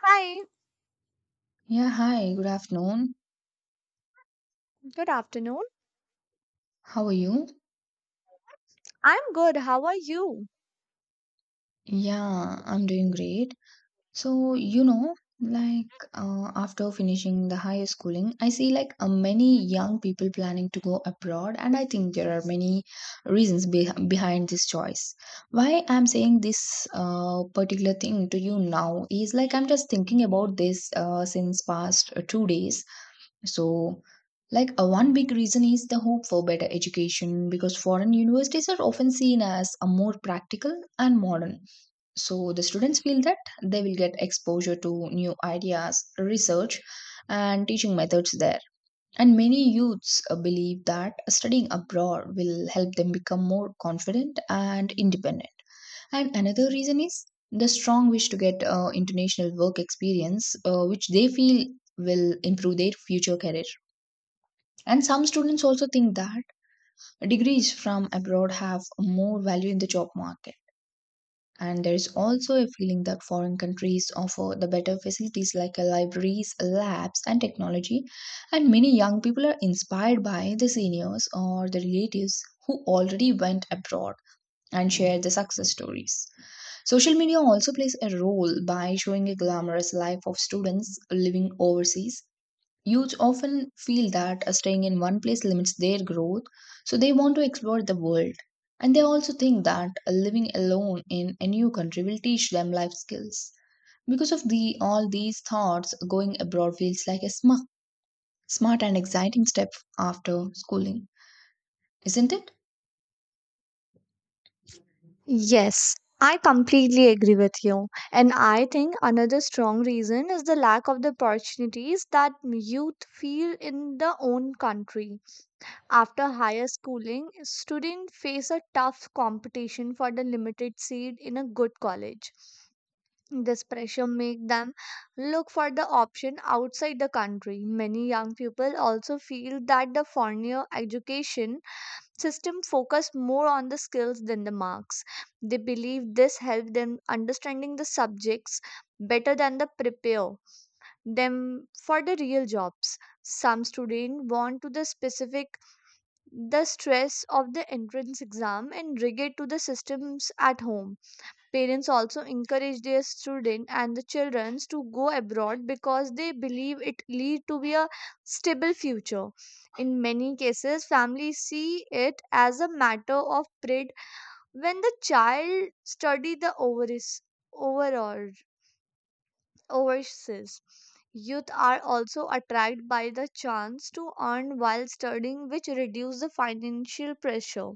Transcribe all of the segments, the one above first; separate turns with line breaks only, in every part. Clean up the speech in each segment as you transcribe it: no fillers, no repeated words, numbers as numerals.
Hi,
Yeah, hi, good afternoon.
good afternoon.
How are you?
I'm good. How are you?
Yeah, I'm doing great. So, you know, like after finishing the higher schooling, I see like many young people planning to go abroad, and I think there are many reasons be behind this choice. Why I'm saying this particular thing to you now is like I'm just thinking about this since past 2 days. So, like a one big reason is the hope for better education because foreign universities are often seen as a more practical and modern. So the students feel that they will get exposure to new ideas, research, and teaching methods there. And many youths believe that studying abroad will help them become more confident and independent. And another reason is the strong wish to get international work experience, which they feel will improve their future career. And some students also think that degrees from abroad have more value in the job market, and there is also a feeling that foreign countries offer the better facilities like libraries, labs, and technology. And many young people are inspired by the seniors or the relatives who already went abroad and share the success stories. Social media also plays a role by showing a glamorous life of students living overseas. Youth often feel that staying in one place limits their growth, so they want to explore the world. And they also think that living alone in a new country will teach them life skills. Because of the all these thoughts, going abroad feels like a smart, and exciting step after schooling, isn't it?
Yes, I completely agree with you. And I think another strong reason is the lack of the opportunities that youth feel in their own country. After higher schooling, students face a tough competition for the limited seat in a good college. This pressure make them look for the option outside the country. Many young people also feel that the foreigner education system focus more on the skills than the marks, they believe this helps them understanding the subjects better than the prepare them for the real jobs. Some students want to the specific the stress of the entrance exam and regret to the systems at home. Parents also encourage their student and the childrens to go abroad because they believe it lead to be a stable future. In many cases, families see it as a matter of pride when the child study the overseas overall overseas. Youth are also attracted by the chance to earn while studying, which reduce the financial pressure.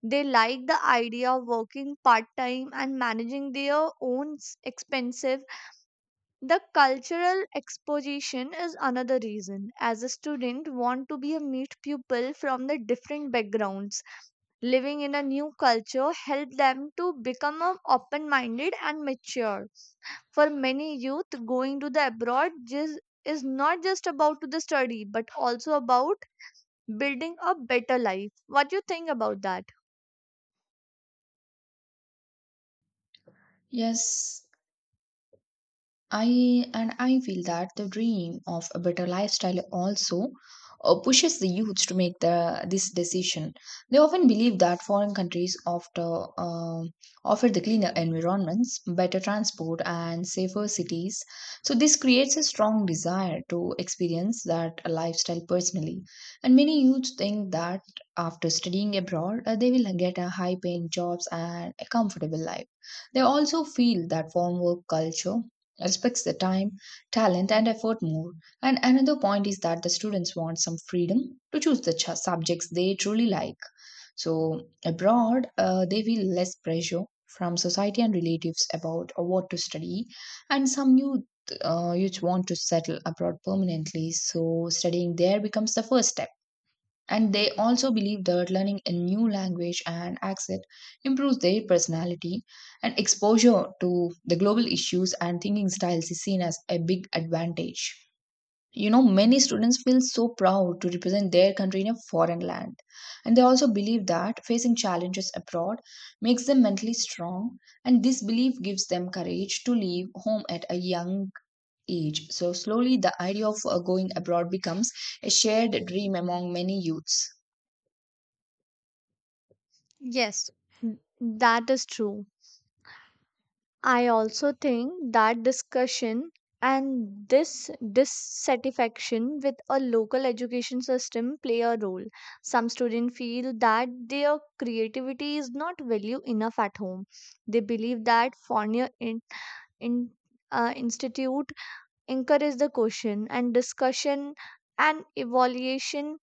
They like the idea of working part time and managing their own expensive. The cultural exposition is another reason as a student want to be a meet pupil from the different backgrounds. Living in a new culture help them to become a open minded and mature. For many youth going to the abroad just is not just about to the study but also about building a better life. What do you think about that?
Yes, I feel that the dream of a better lifestyle also pushes the youths to make the this decision. They often believe that foreign countries offer the cleaner environments, better transport, and safer cities. So this creates a strong desire to experience that lifestyle personally. And many youths think that after studying abroad, they will get a high paying jobs and a comfortable life. They also feel that foreign work culture respects the time, talent, and effort more. And another point is that the students want some freedom to choose the subjects they truly like. So, abroad, they feel less pressure from society and relatives about what to study, and some youth, youth want to settle abroad permanently, so studying there becomes the first step. And they also believe that learning a new language and accent improves their personality, and exposure to the global issues and thinking styles is seen as a big advantage. You know, many students feel so proud to represent their country in a foreign land. And they also believe that facing challenges abroad makes them mentally strong, and this belief gives them courage to leave home at a young age. So, slowly, the idea of going abroad becomes a shared dream among many youths.
Yes, that is true. I also think that discussion and this dissatisfaction with a local education system play a role. Some students feel that their creativity is not valued enough at home. They believe that foreigner in institute encourage the question and discussion and evaluation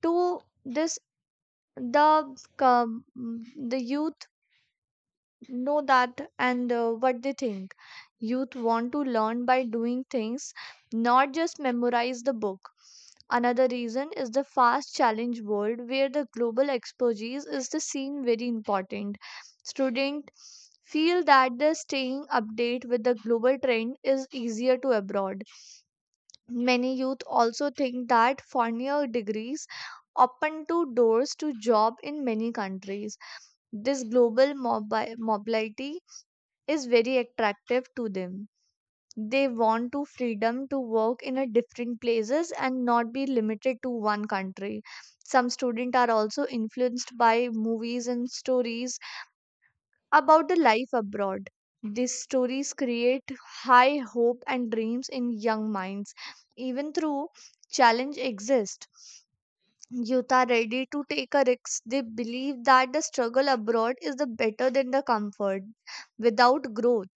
to this the um, the youth know that and what they think. Youth want to learn by doing things, not just memorize the book. Another reason is the fast challenge world where the global expertise is the scene very important. Student feel that the staying update with the global trend is easier to abroad. Many youth also think that foreigner degrees open to doors to job in many countries. This global mobility is very attractive to them. They want to freedom to work in a different places and not be limited to one country. Some students are also influenced by movies and stories about the life abroad. These stories create high hope and dreams in young minds. Even though challenge exist, youth are ready to take a risk. They believe that the struggle abroad is the better than the comfort without growth.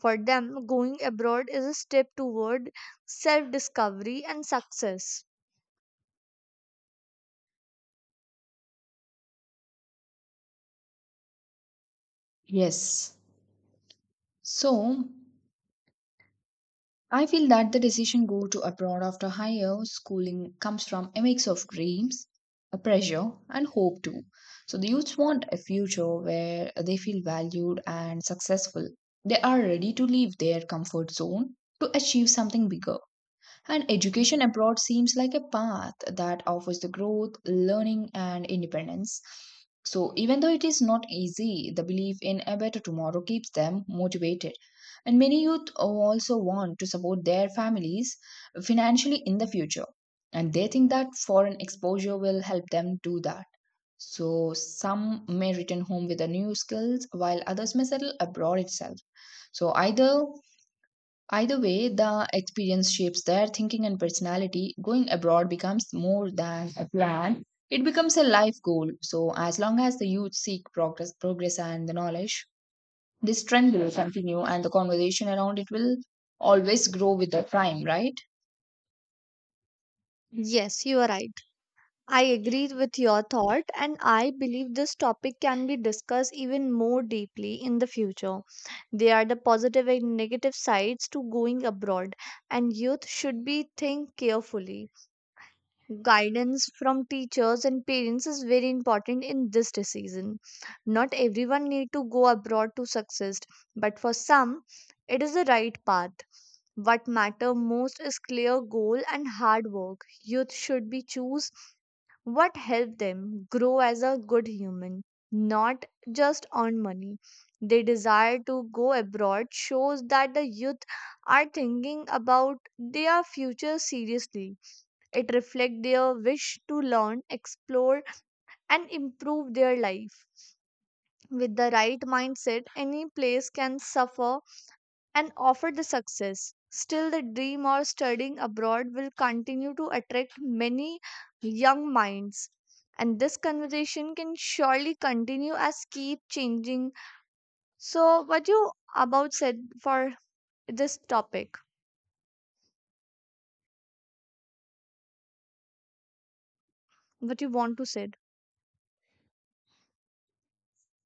For them, going abroad is a step toward self discovery and success.
Yes. So, I feel that the decision go to abroad after higher schooling comes from a mix of dreams, a pressure, and hope too. So the youths want a future where they feel valued and successful. They are ready to leave their comfort zone to achieve something bigger. And education abroad seems like a path that offers the growth, learning, and independence. So, even though it is not easy, the belief in a better tomorrow keeps them motivated. And many youth also want to support their families financially in the future. And they think that foreign exposure will help them do that. So, some may return home with the new skills, while others may settle abroad itself. So, either way, the experience shapes their thinking and personality. Going abroad becomes more than a plan, it becomes a life goal. So, as long as the youth seek progress and the knowledge, this trend will continue and the conversation around it will always grow with the time, right?
Yes, you are right. I agree with your thought, and I believe this topic can be discussed even more deeply in the future. They are the positive and negative sides to going abroad, and youth should be think carefully. Guidance from teachers and parents is very important in this decision. Not everyone need to go abroad to success, but for some it is the right path. What matter most is clear goal and hard work. Youth should be choose what help them grow as a good human, not just earn money. They desire to go abroad shows that the youth are thinking about their future seriously. It reflects their wish to learn, explore, and improve their life. With the right mindset, any place can suffer and offer the success. Still, the dream of studying abroad will continue to attract many young minds. And this conversation can surely continue as keep changing. So, what you about said for this topic? What you want to said?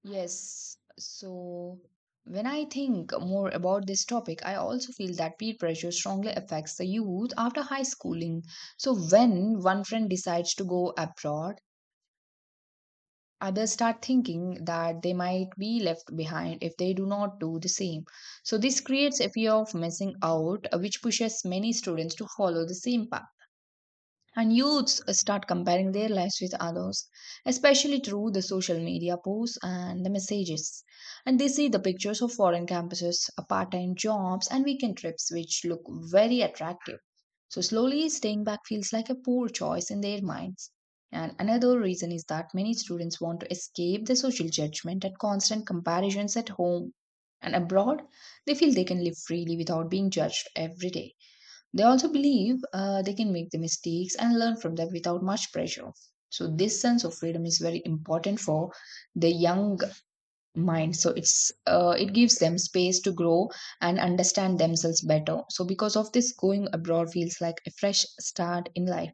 Yes. So, when I think more about this topic, I also feel that peer pressure strongly affects the youth after high schooling. So, when one friend decides to go abroad, others start thinking that they might be left behind if they do not do the same. So, this creates a fear of missing out, which pushes many students to follow the same path. And youths start comparing their lives with others, especially through the social media posts and the messages. And they see the pictures of foreign campuses, part time jobs, and weekend trips, which look very attractive. So, slowly staying back feels like a poor choice in their minds. And another reason is that many students want to escape the social judgment and constant comparisons at home and abroad. They feel they can live freely without being judged every day. They also believe they can make the mistakes and learn from them without much pressure. So this sense of freedom is very important for the young mind. So it gives them space to grow and understand themselves better. So because of this, going abroad feels like a fresh start in life.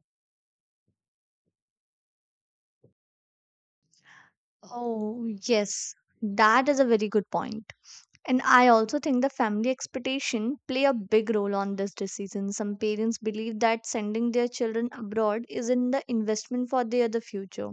Oh, yes. That is a very good point. And I also think the family expectation play a big role on this decision. Some parents believe that sending their children abroad is in the investment for their the future.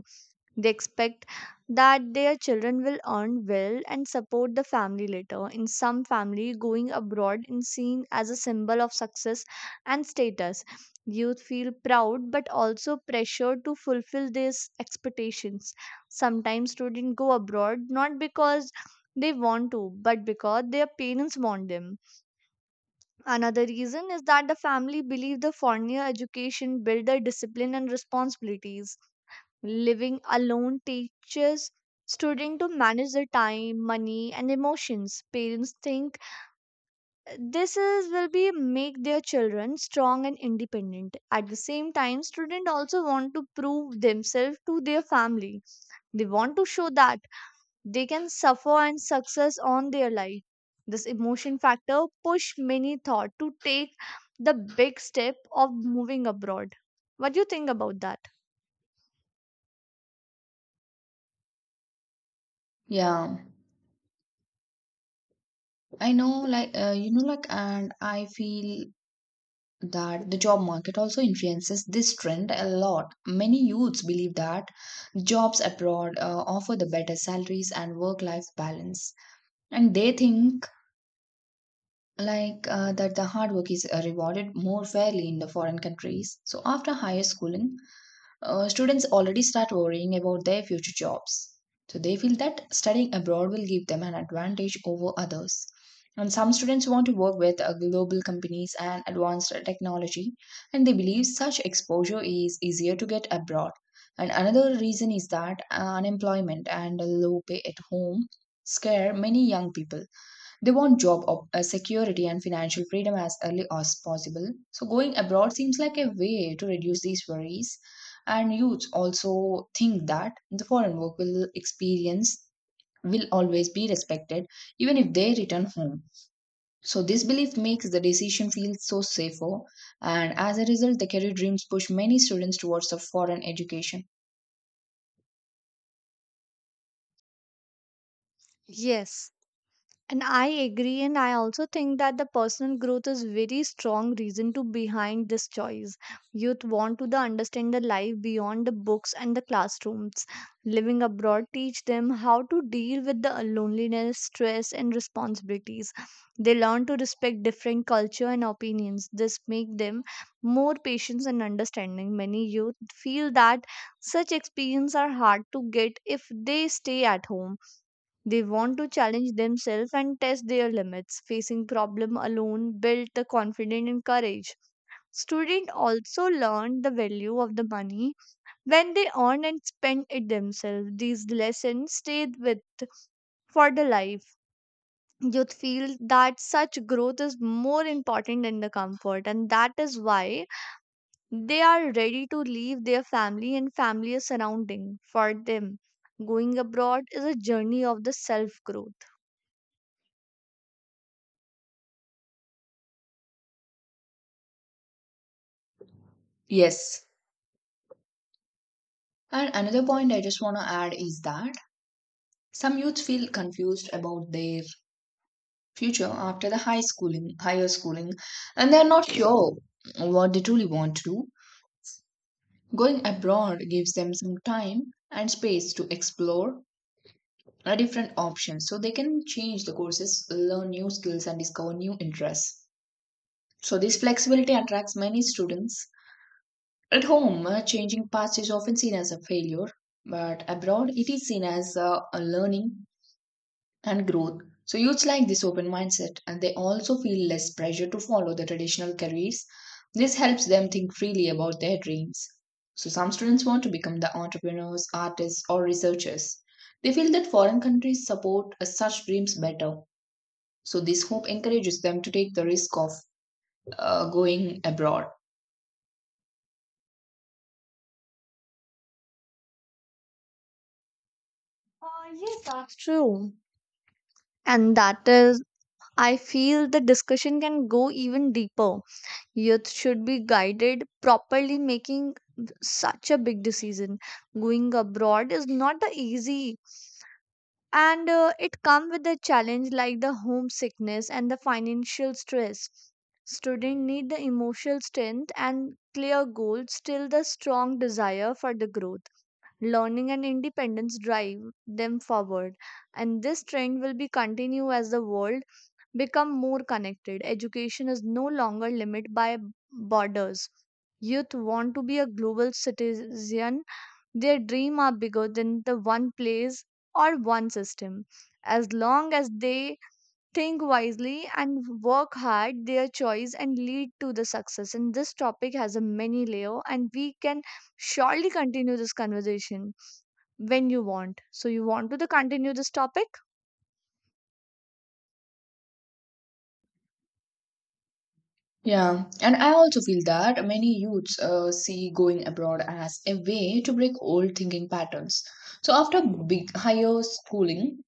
They expect that their children will earn well and support the family later. In some families, going abroad is seen as a symbol of success and status. Youth feel proud but also pressured to fulfill these expectations. Sometimes students go abroad not because they want to but because their parents want them. Another reason is that the family believe the foreigner education build their discipline and responsibilities. Living alone teaches students to manage their time, money, and emotions. Parents think this is will be make their children strong and independent. At the same time, student also want to prove themselves to their family. They want to show that they can suffer and success on their life. This emotion factor push many thought to take the big step of moving abroad. What do you think about that?
Yeah, I know, like, you know, like, and I feel that the job market also influences this trend a lot. Many youths believe that jobs abroad offer the better salaries and work life balance. And they think that the hard work is rewarded more fairly in the foreign countries. So after higher schooling, students already start worrying about their future jobs. So they feel that studying abroad will give them an advantage over others. And some students want to work with global companies and advanced technology, and they believe such exposure is easier to get abroad. And another reason is that unemployment and low pay at home scare many young people. They want security and financial freedom as early as possible. So, going abroad seems like a way to reduce these worries. And youths also think that the foreign work will experience will always be respected, even if they return home. So, this belief makes the decision feel so safer, and as a result, the career dreams push many students towards the foreign education.
Yes, and I agree, and I also think that the personal growth is very strong reason to behind this choice. Youth want to the understand the life beyond the books and the classrooms. Living abroad teach them how to deal with the loneliness, stress, and responsibilities. They learn to respect different culture and opinions. This make them more patience and understanding. Many youth feel that such experience are hard to get if they stay at home. They want to challenge themselves and test their limits. Facing problem alone built the confidence and courage. Students also learn the value of the money when they earn and spend it themselves. These lessons stay with for the life. Youth feel that such growth is more important than the comfort, and that is why they are ready to leave their family and family surrounding for them. Going abroad is a journey of the self growth.
Yes. And another point I just want to add is that some youths feel confused about their future after higher schooling, and they are not sure what they truly want to do. Going abroad gives them some time and space to explore a different options so they can change the courses, learn new skills, and discover new interests. So, this flexibility attracts many students. At home, changing paths is often seen as a failure, but abroad, it is seen as a learning and growth. So youths like this open mindset and they also feel less pressure to follow the traditional careers. This helps them think freely about their dreams. So some students want to become the entrepreneurs, artists or researchers. They feel that foreign countries support such dreams better. So this hope encourages them to take the risk of going abroad.
Yes, that's true. And that is, I feel the discussion can go even deeper. Youth should be guided properly, making such a big decision. Going abroad is not the easy, and it comes with a challenge like the homesickness and the financial stress. Students need the emotional strength and clear goals, still the strong desire for the growth learning and independence drive them forward. And this trend will be continue as the world become more connected. Education is no longer limited by borders. Youth want to be a global citizen. Their dream are bigger than the one place or one system. As long as they think wisely and work hard, their choice and lead to the success. And this topic has a many layer and we can surely continue this conversation when you want. So you want to the continue this topic?
Yeah, and I also feel that many youths see going abroad as a way to break old thinking patterns. So after big higher schooling,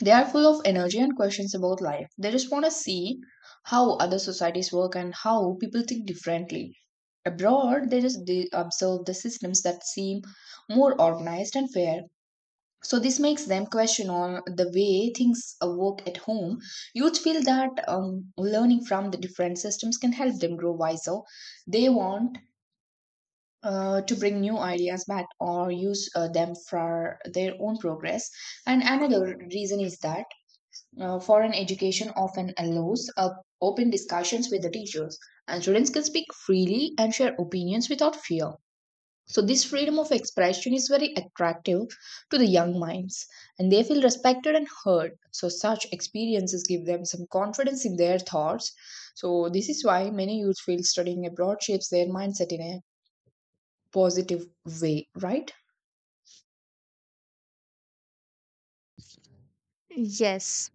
they are full of energy and questions about life. They just want to see how other societies work and how people think differently. Abroad, they observe the systems that seem more organized and fair. So this makes them question on the way things work at home. Youth feel that learning from the different systems can help them grow wiser. They want to bring new ideas back or use them for their own progress. And another reason is that foreign education often allows up open discussions with the teachers, and students can speak freely and share opinions without fear. So, this freedom of expression is very attractive to the young minds, and they feel respected and heard. So, such experiences give them some confidence in their thoughts. So, this is why many youth feel studying abroad shapes their mindset in a positive way, right?
Yes,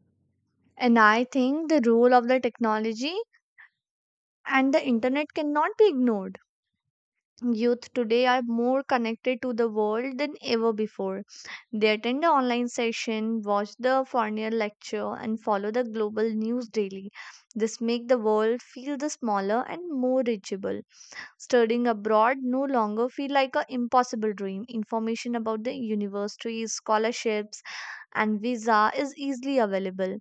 and I think the role of the technology and the internet cannot be ignored. Youth today are more connected to the world than ever before. They attend the online session, watch the foreign lecture, and follow the global news daily. This make the world feel the smaller and more reachable. Studying abroad no longer feel like an impossible dream. Information about the universities, scholarships, and visa is easily available.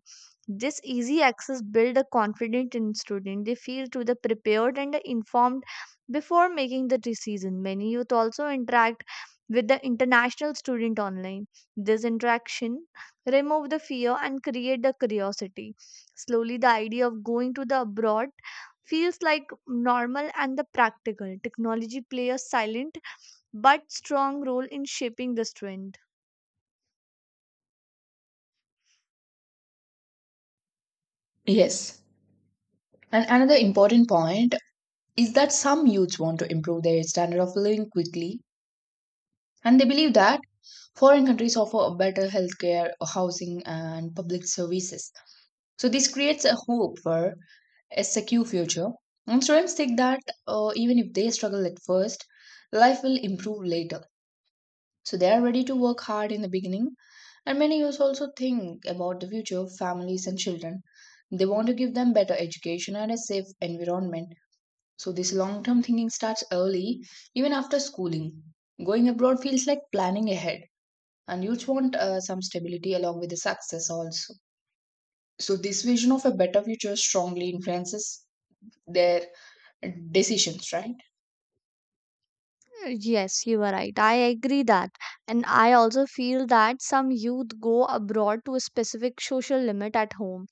This easy access build a confidence in student. They feel to the prepared and informed before making the decision. Many youth also interact with the international student online. This interaction remove the fear and create the curiosity. Slowly, the idea of going to the abroad feels like normal and the practical. Technology play a silent but strong role in shaping this trend.
Yes. And another important point is that some youths want to improve their standard of living quickly. And they believe that foreign countries offer a better healthcare, housing, and public services. So this creates a hope for a secure future. And students think that even if they struggle at first, life will improve later. So they are ready to work hard in the beginning. And many youth also think about the future of families and children. They want to give them better education and a safe environment. So this long-term thinking starts early, even after schooling. Going abroad feels like planning ahead, and youth want some stability along with the success also. So this vision of a better future strongly influences their decisions, right?
Yes, you are right. I agree that. And I also feel that some youth go abroad to a specific social limit at home.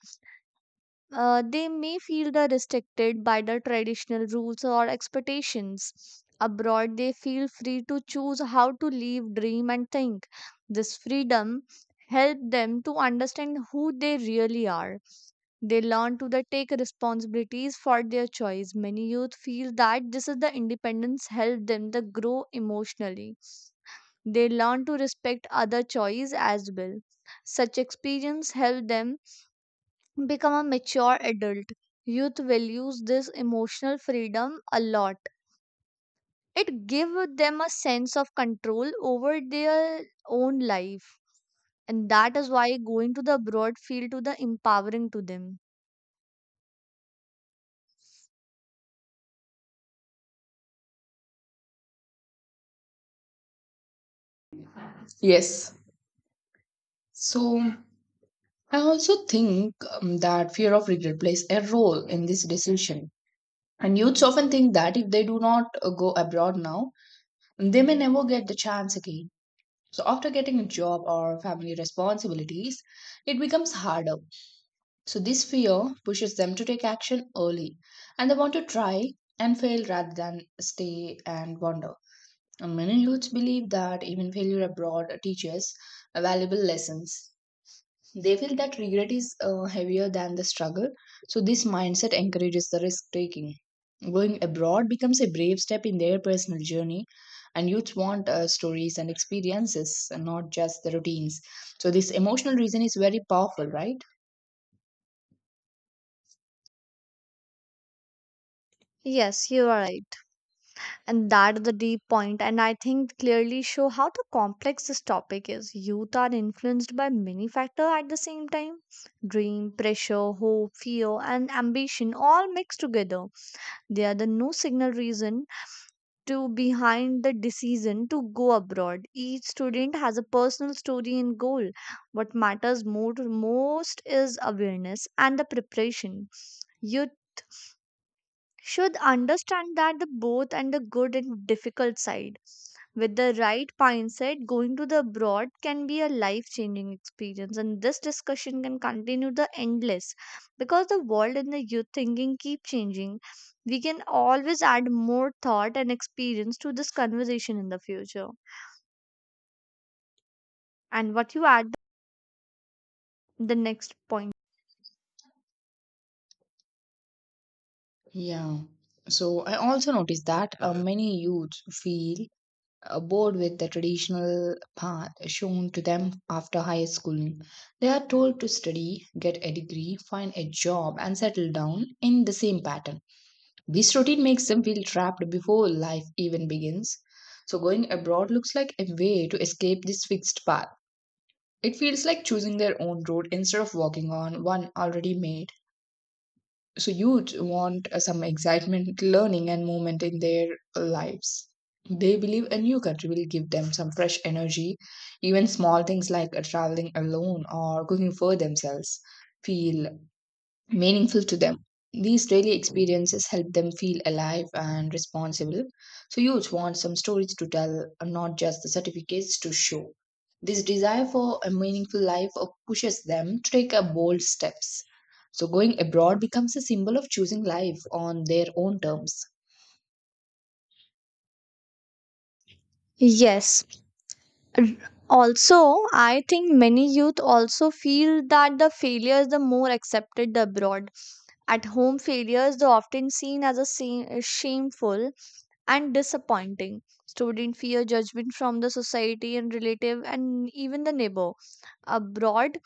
They may feel the restricted by the traditional rules or expectations. Abroad, they feel free to choose how to live, dream, and think. This freedom helps them to understand who they really are. They learn to the take responsibilities for their choice. Many youth feel that this is the independence help them to grow emotionally. They learn to respect other choice as well. Such experience help them become a mature adult. Youth will use this emotional freedom a lot. It gives them a sense of control over their own life. And that is why going to the abroad feel to the empowering to them.
Yes. So I also think that fear of regret plays a role in this decision, and youths often think that if they do not go abroad now, they may never get the chance again. So, after getting a job or family responsibilities, it becomes harder. So, this fear pushes them to take action early, and they want to try and fail rather than stay and wander. And many youths believe that even failure abroad teaches valuable lessons. They feel that regret is heavier than the struggle. So, this mindset encourages the risk taking. Going abroad becomes a brave step in their personal journey, and youths want stories and experiences, and not just the routines. So, this emotional reason is very powerful, right?
Yes, you are right. And that is the deep point, and I think clearly show how the complex this topic is. Youth are influenced by many factors at the same time. Dream, pressure, hope, fear, and ambition all mixed together. They are the no signal reason to behind the decision to go abroad. Each student has a personal story and goal. What matters more, most is awareness and the preparation. You should understand that the both and the good and difficult side with the right mindset, going to the abroad can be a life changing experience. And this discussion can continue the endless because the world and the youth thinking keep changing. We can always add more thought and experience to this conversation in the future. And what you add the next point.
Yeah. So I also noticed that many youths feel bored with the traditional path shown to them after high school. They are told to study, get a degree, find a job, and settle down in the same pattern. This routine makes them feel trapped before life even begins. So, going abroad looks like a way to escape this fixed path. It feels like choosing their own road instead of walking on one already made. So you want some excitement, learning, and movement in their lives. They believe a new country will give them some fresh energy. Even small things like traveling alone or cooking for themselves feel meaningful to them. These daily experiences help them feel alive and responsible. So, youth want some stories to tell, and not just the certificates to show. This desire for a meaningful life pushes them to take a bold steps. So, going abroad becomes a symbol of choosing life on their own terms.
Yes. Also, I think many youth also feel that the failure is the more accepted abroad. At home, failure is often seen as a shameful and disappointing. Students fear judgment from the society and relative and even the neighbor. Abroad,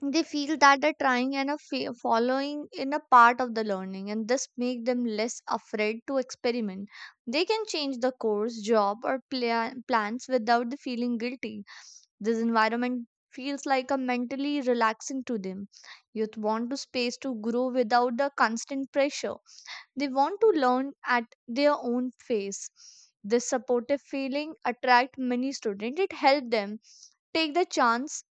they feel that they're trying and are following in a part of the learning, and this make them less afraid to experiment. They can change the course, job, or plans without the feeling guilty. This environment feels like a mentally relaxing to them. Youth want to space to grow without the constant pressure, they want to learn at their own pace. This supportive feeling attract many students. It helps them take the chance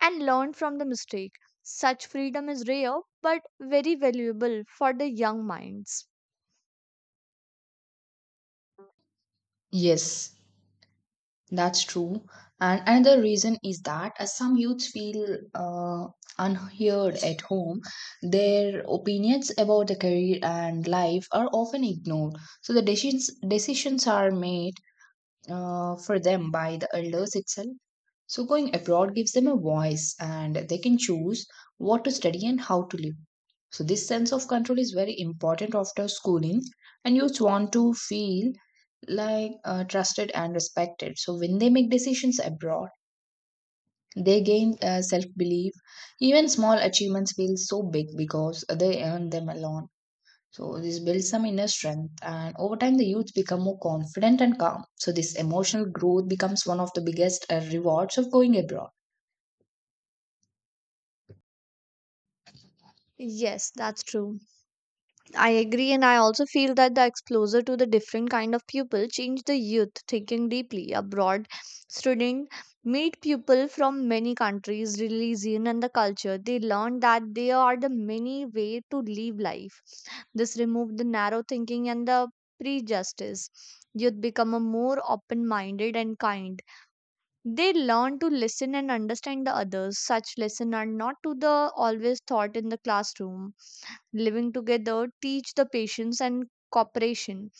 and learn from the mistake. Such freedom is rare but very valuable for the young minds.
Yes, that's true. And another reason is that as some youths feel unheard at home, their opinions about the career and life are often ignored. So the decisions are made for them by the elders itself. So, going abroad gives them a voice, and they can choose what to study and how to live. So, this sense of control is very important after schooling, and youth want to feel like trusted and respected. So, when they make decisions abroad, they gain self belief. Even small achievements feel so big because they earn them alone. So this builds some inner strength, and over time, the youth become more confident and calm. So this emotional growth becomes one of the biggest rewards of going abroad.
Yes, that's true. I agree, and I also feel that the exposure to the different kind of people change the youth thinking deeply. Abroad, student meet people from many countries, religion, and the culture. They learn that there are the many way to live life. This remove the narrow thinking and the prejudice. Youth become a more open-minded and kind. They learn to listen and understand the others. Such lessons are not to the always taught in the classroom, living together teach the patience and cooperation,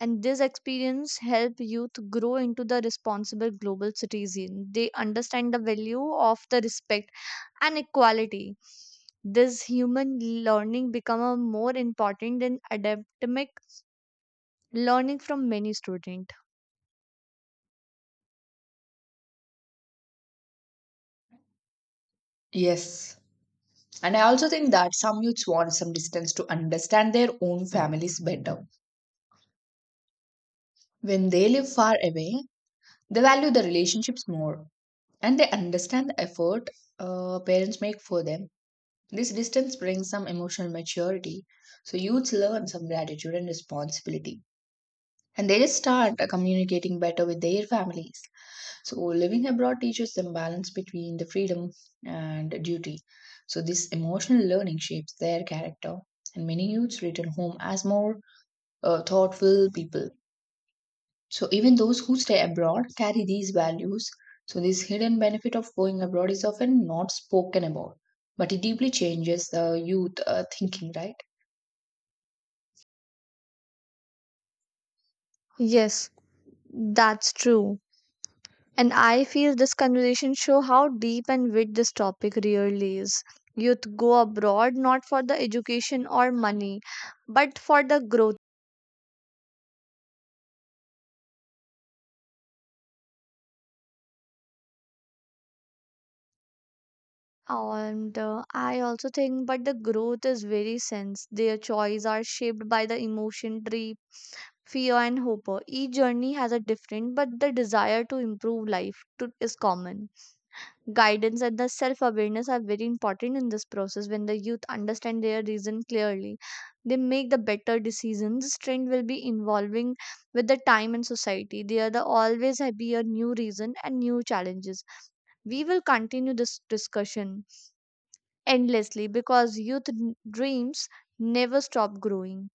and this experience help youth grow into the responsible global citizen. They understand the value of the respect and equality. This human learning become a more important than academic learning from many students.
Yes. And I also think that some youths want some distance to understand their own families better. When they live far away, they value the relationships more, and they understand the effort parents make for them. This distance brings some emotional maturity. So youths learn some gratitude and responsibility. And they just start communicating better with their families. So living abroad teaches them balance between the freedom and duty. So this emotional learning shapes their character. And many youths return home as more thoughtful people. So even those who stay abroad carry these values. So this hidden benefit of going abroad is often not spoken about, but it deeply changes the youth thinking, right?
Yes, that's true. And I feel this conversation show how deep and wide this topic really is. Youth go abroad not for the education or money, but for the growth. And I also think, but the growth is very sense. Their choice are shaped by the emotion tree, fear, and hope. Each journey has a different, but the desire to improve life to, is common. Guidance and the self awareness are very important in this process. When the youth understand their reason clearly, they make the better decisions. This trend will be evolving with the time and society. There the always have be a new reason and new challenges. We will continue this discussion endlessly because dreams never stop growing.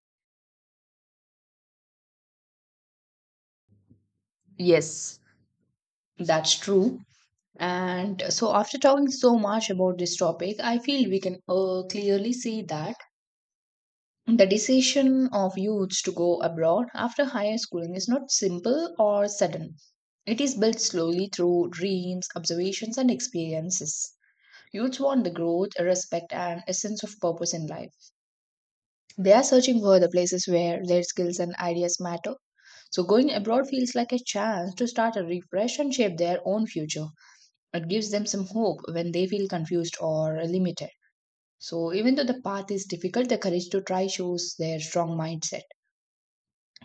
Yes, that's true. And so, after talking so much about this topic, I feel we can clearly see that the decision of youths to go abroad after higher schooling is not simple or sudden. It is built slowly through dreams, observations, and experiences. Youths want the growth, respect, and a sense of purpose in life. They are searching for the places where their skills and ideas matter. So, going abroad feels like a chance to start a refresh and shape their own future. It gives them some hope when they feel confused or limited. So, even though the path is difficult, the courage to try shows their strong mindset.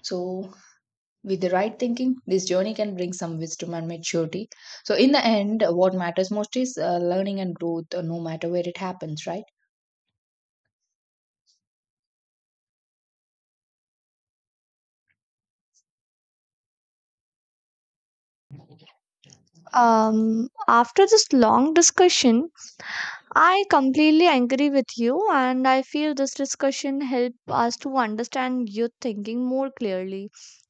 So, with the right thinking, this journey can bring some wisdom and maturity. So, in the end, what matters most is learning and growth, no matter where it happens, right?
um after this long discussion, I completely agree with you, and I feel this discussion helped us to understand youth thinking more clearly.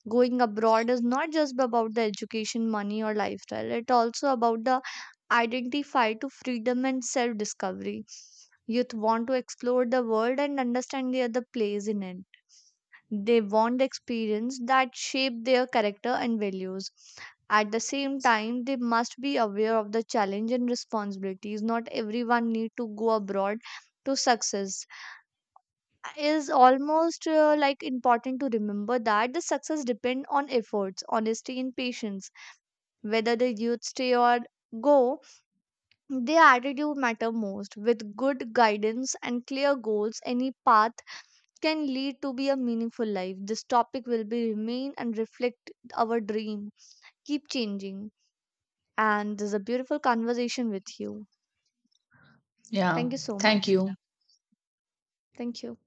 Going abroad is not just about the education, money, or lifestyle, it's also about the identify to freedom and self discovery. Youth want to explore the world and understand the other place in it. They want experience that shape their character and values. At the same time, they must be aware of the challenge and responsibilities. Not everyone need to go abroad to success. Is almost like important to remember that the success depend on efforts, honesty, and patience. Whether the youth stay or go, their attitude matter most. With good guidance and clear goals, any path can lead to be a meaningful life. This topic will be remain and reflect our dream. Keep changing. And this is a beautiful conversation with you.
Yeah.
Thank you so
Thank
much.
you.
Thank you.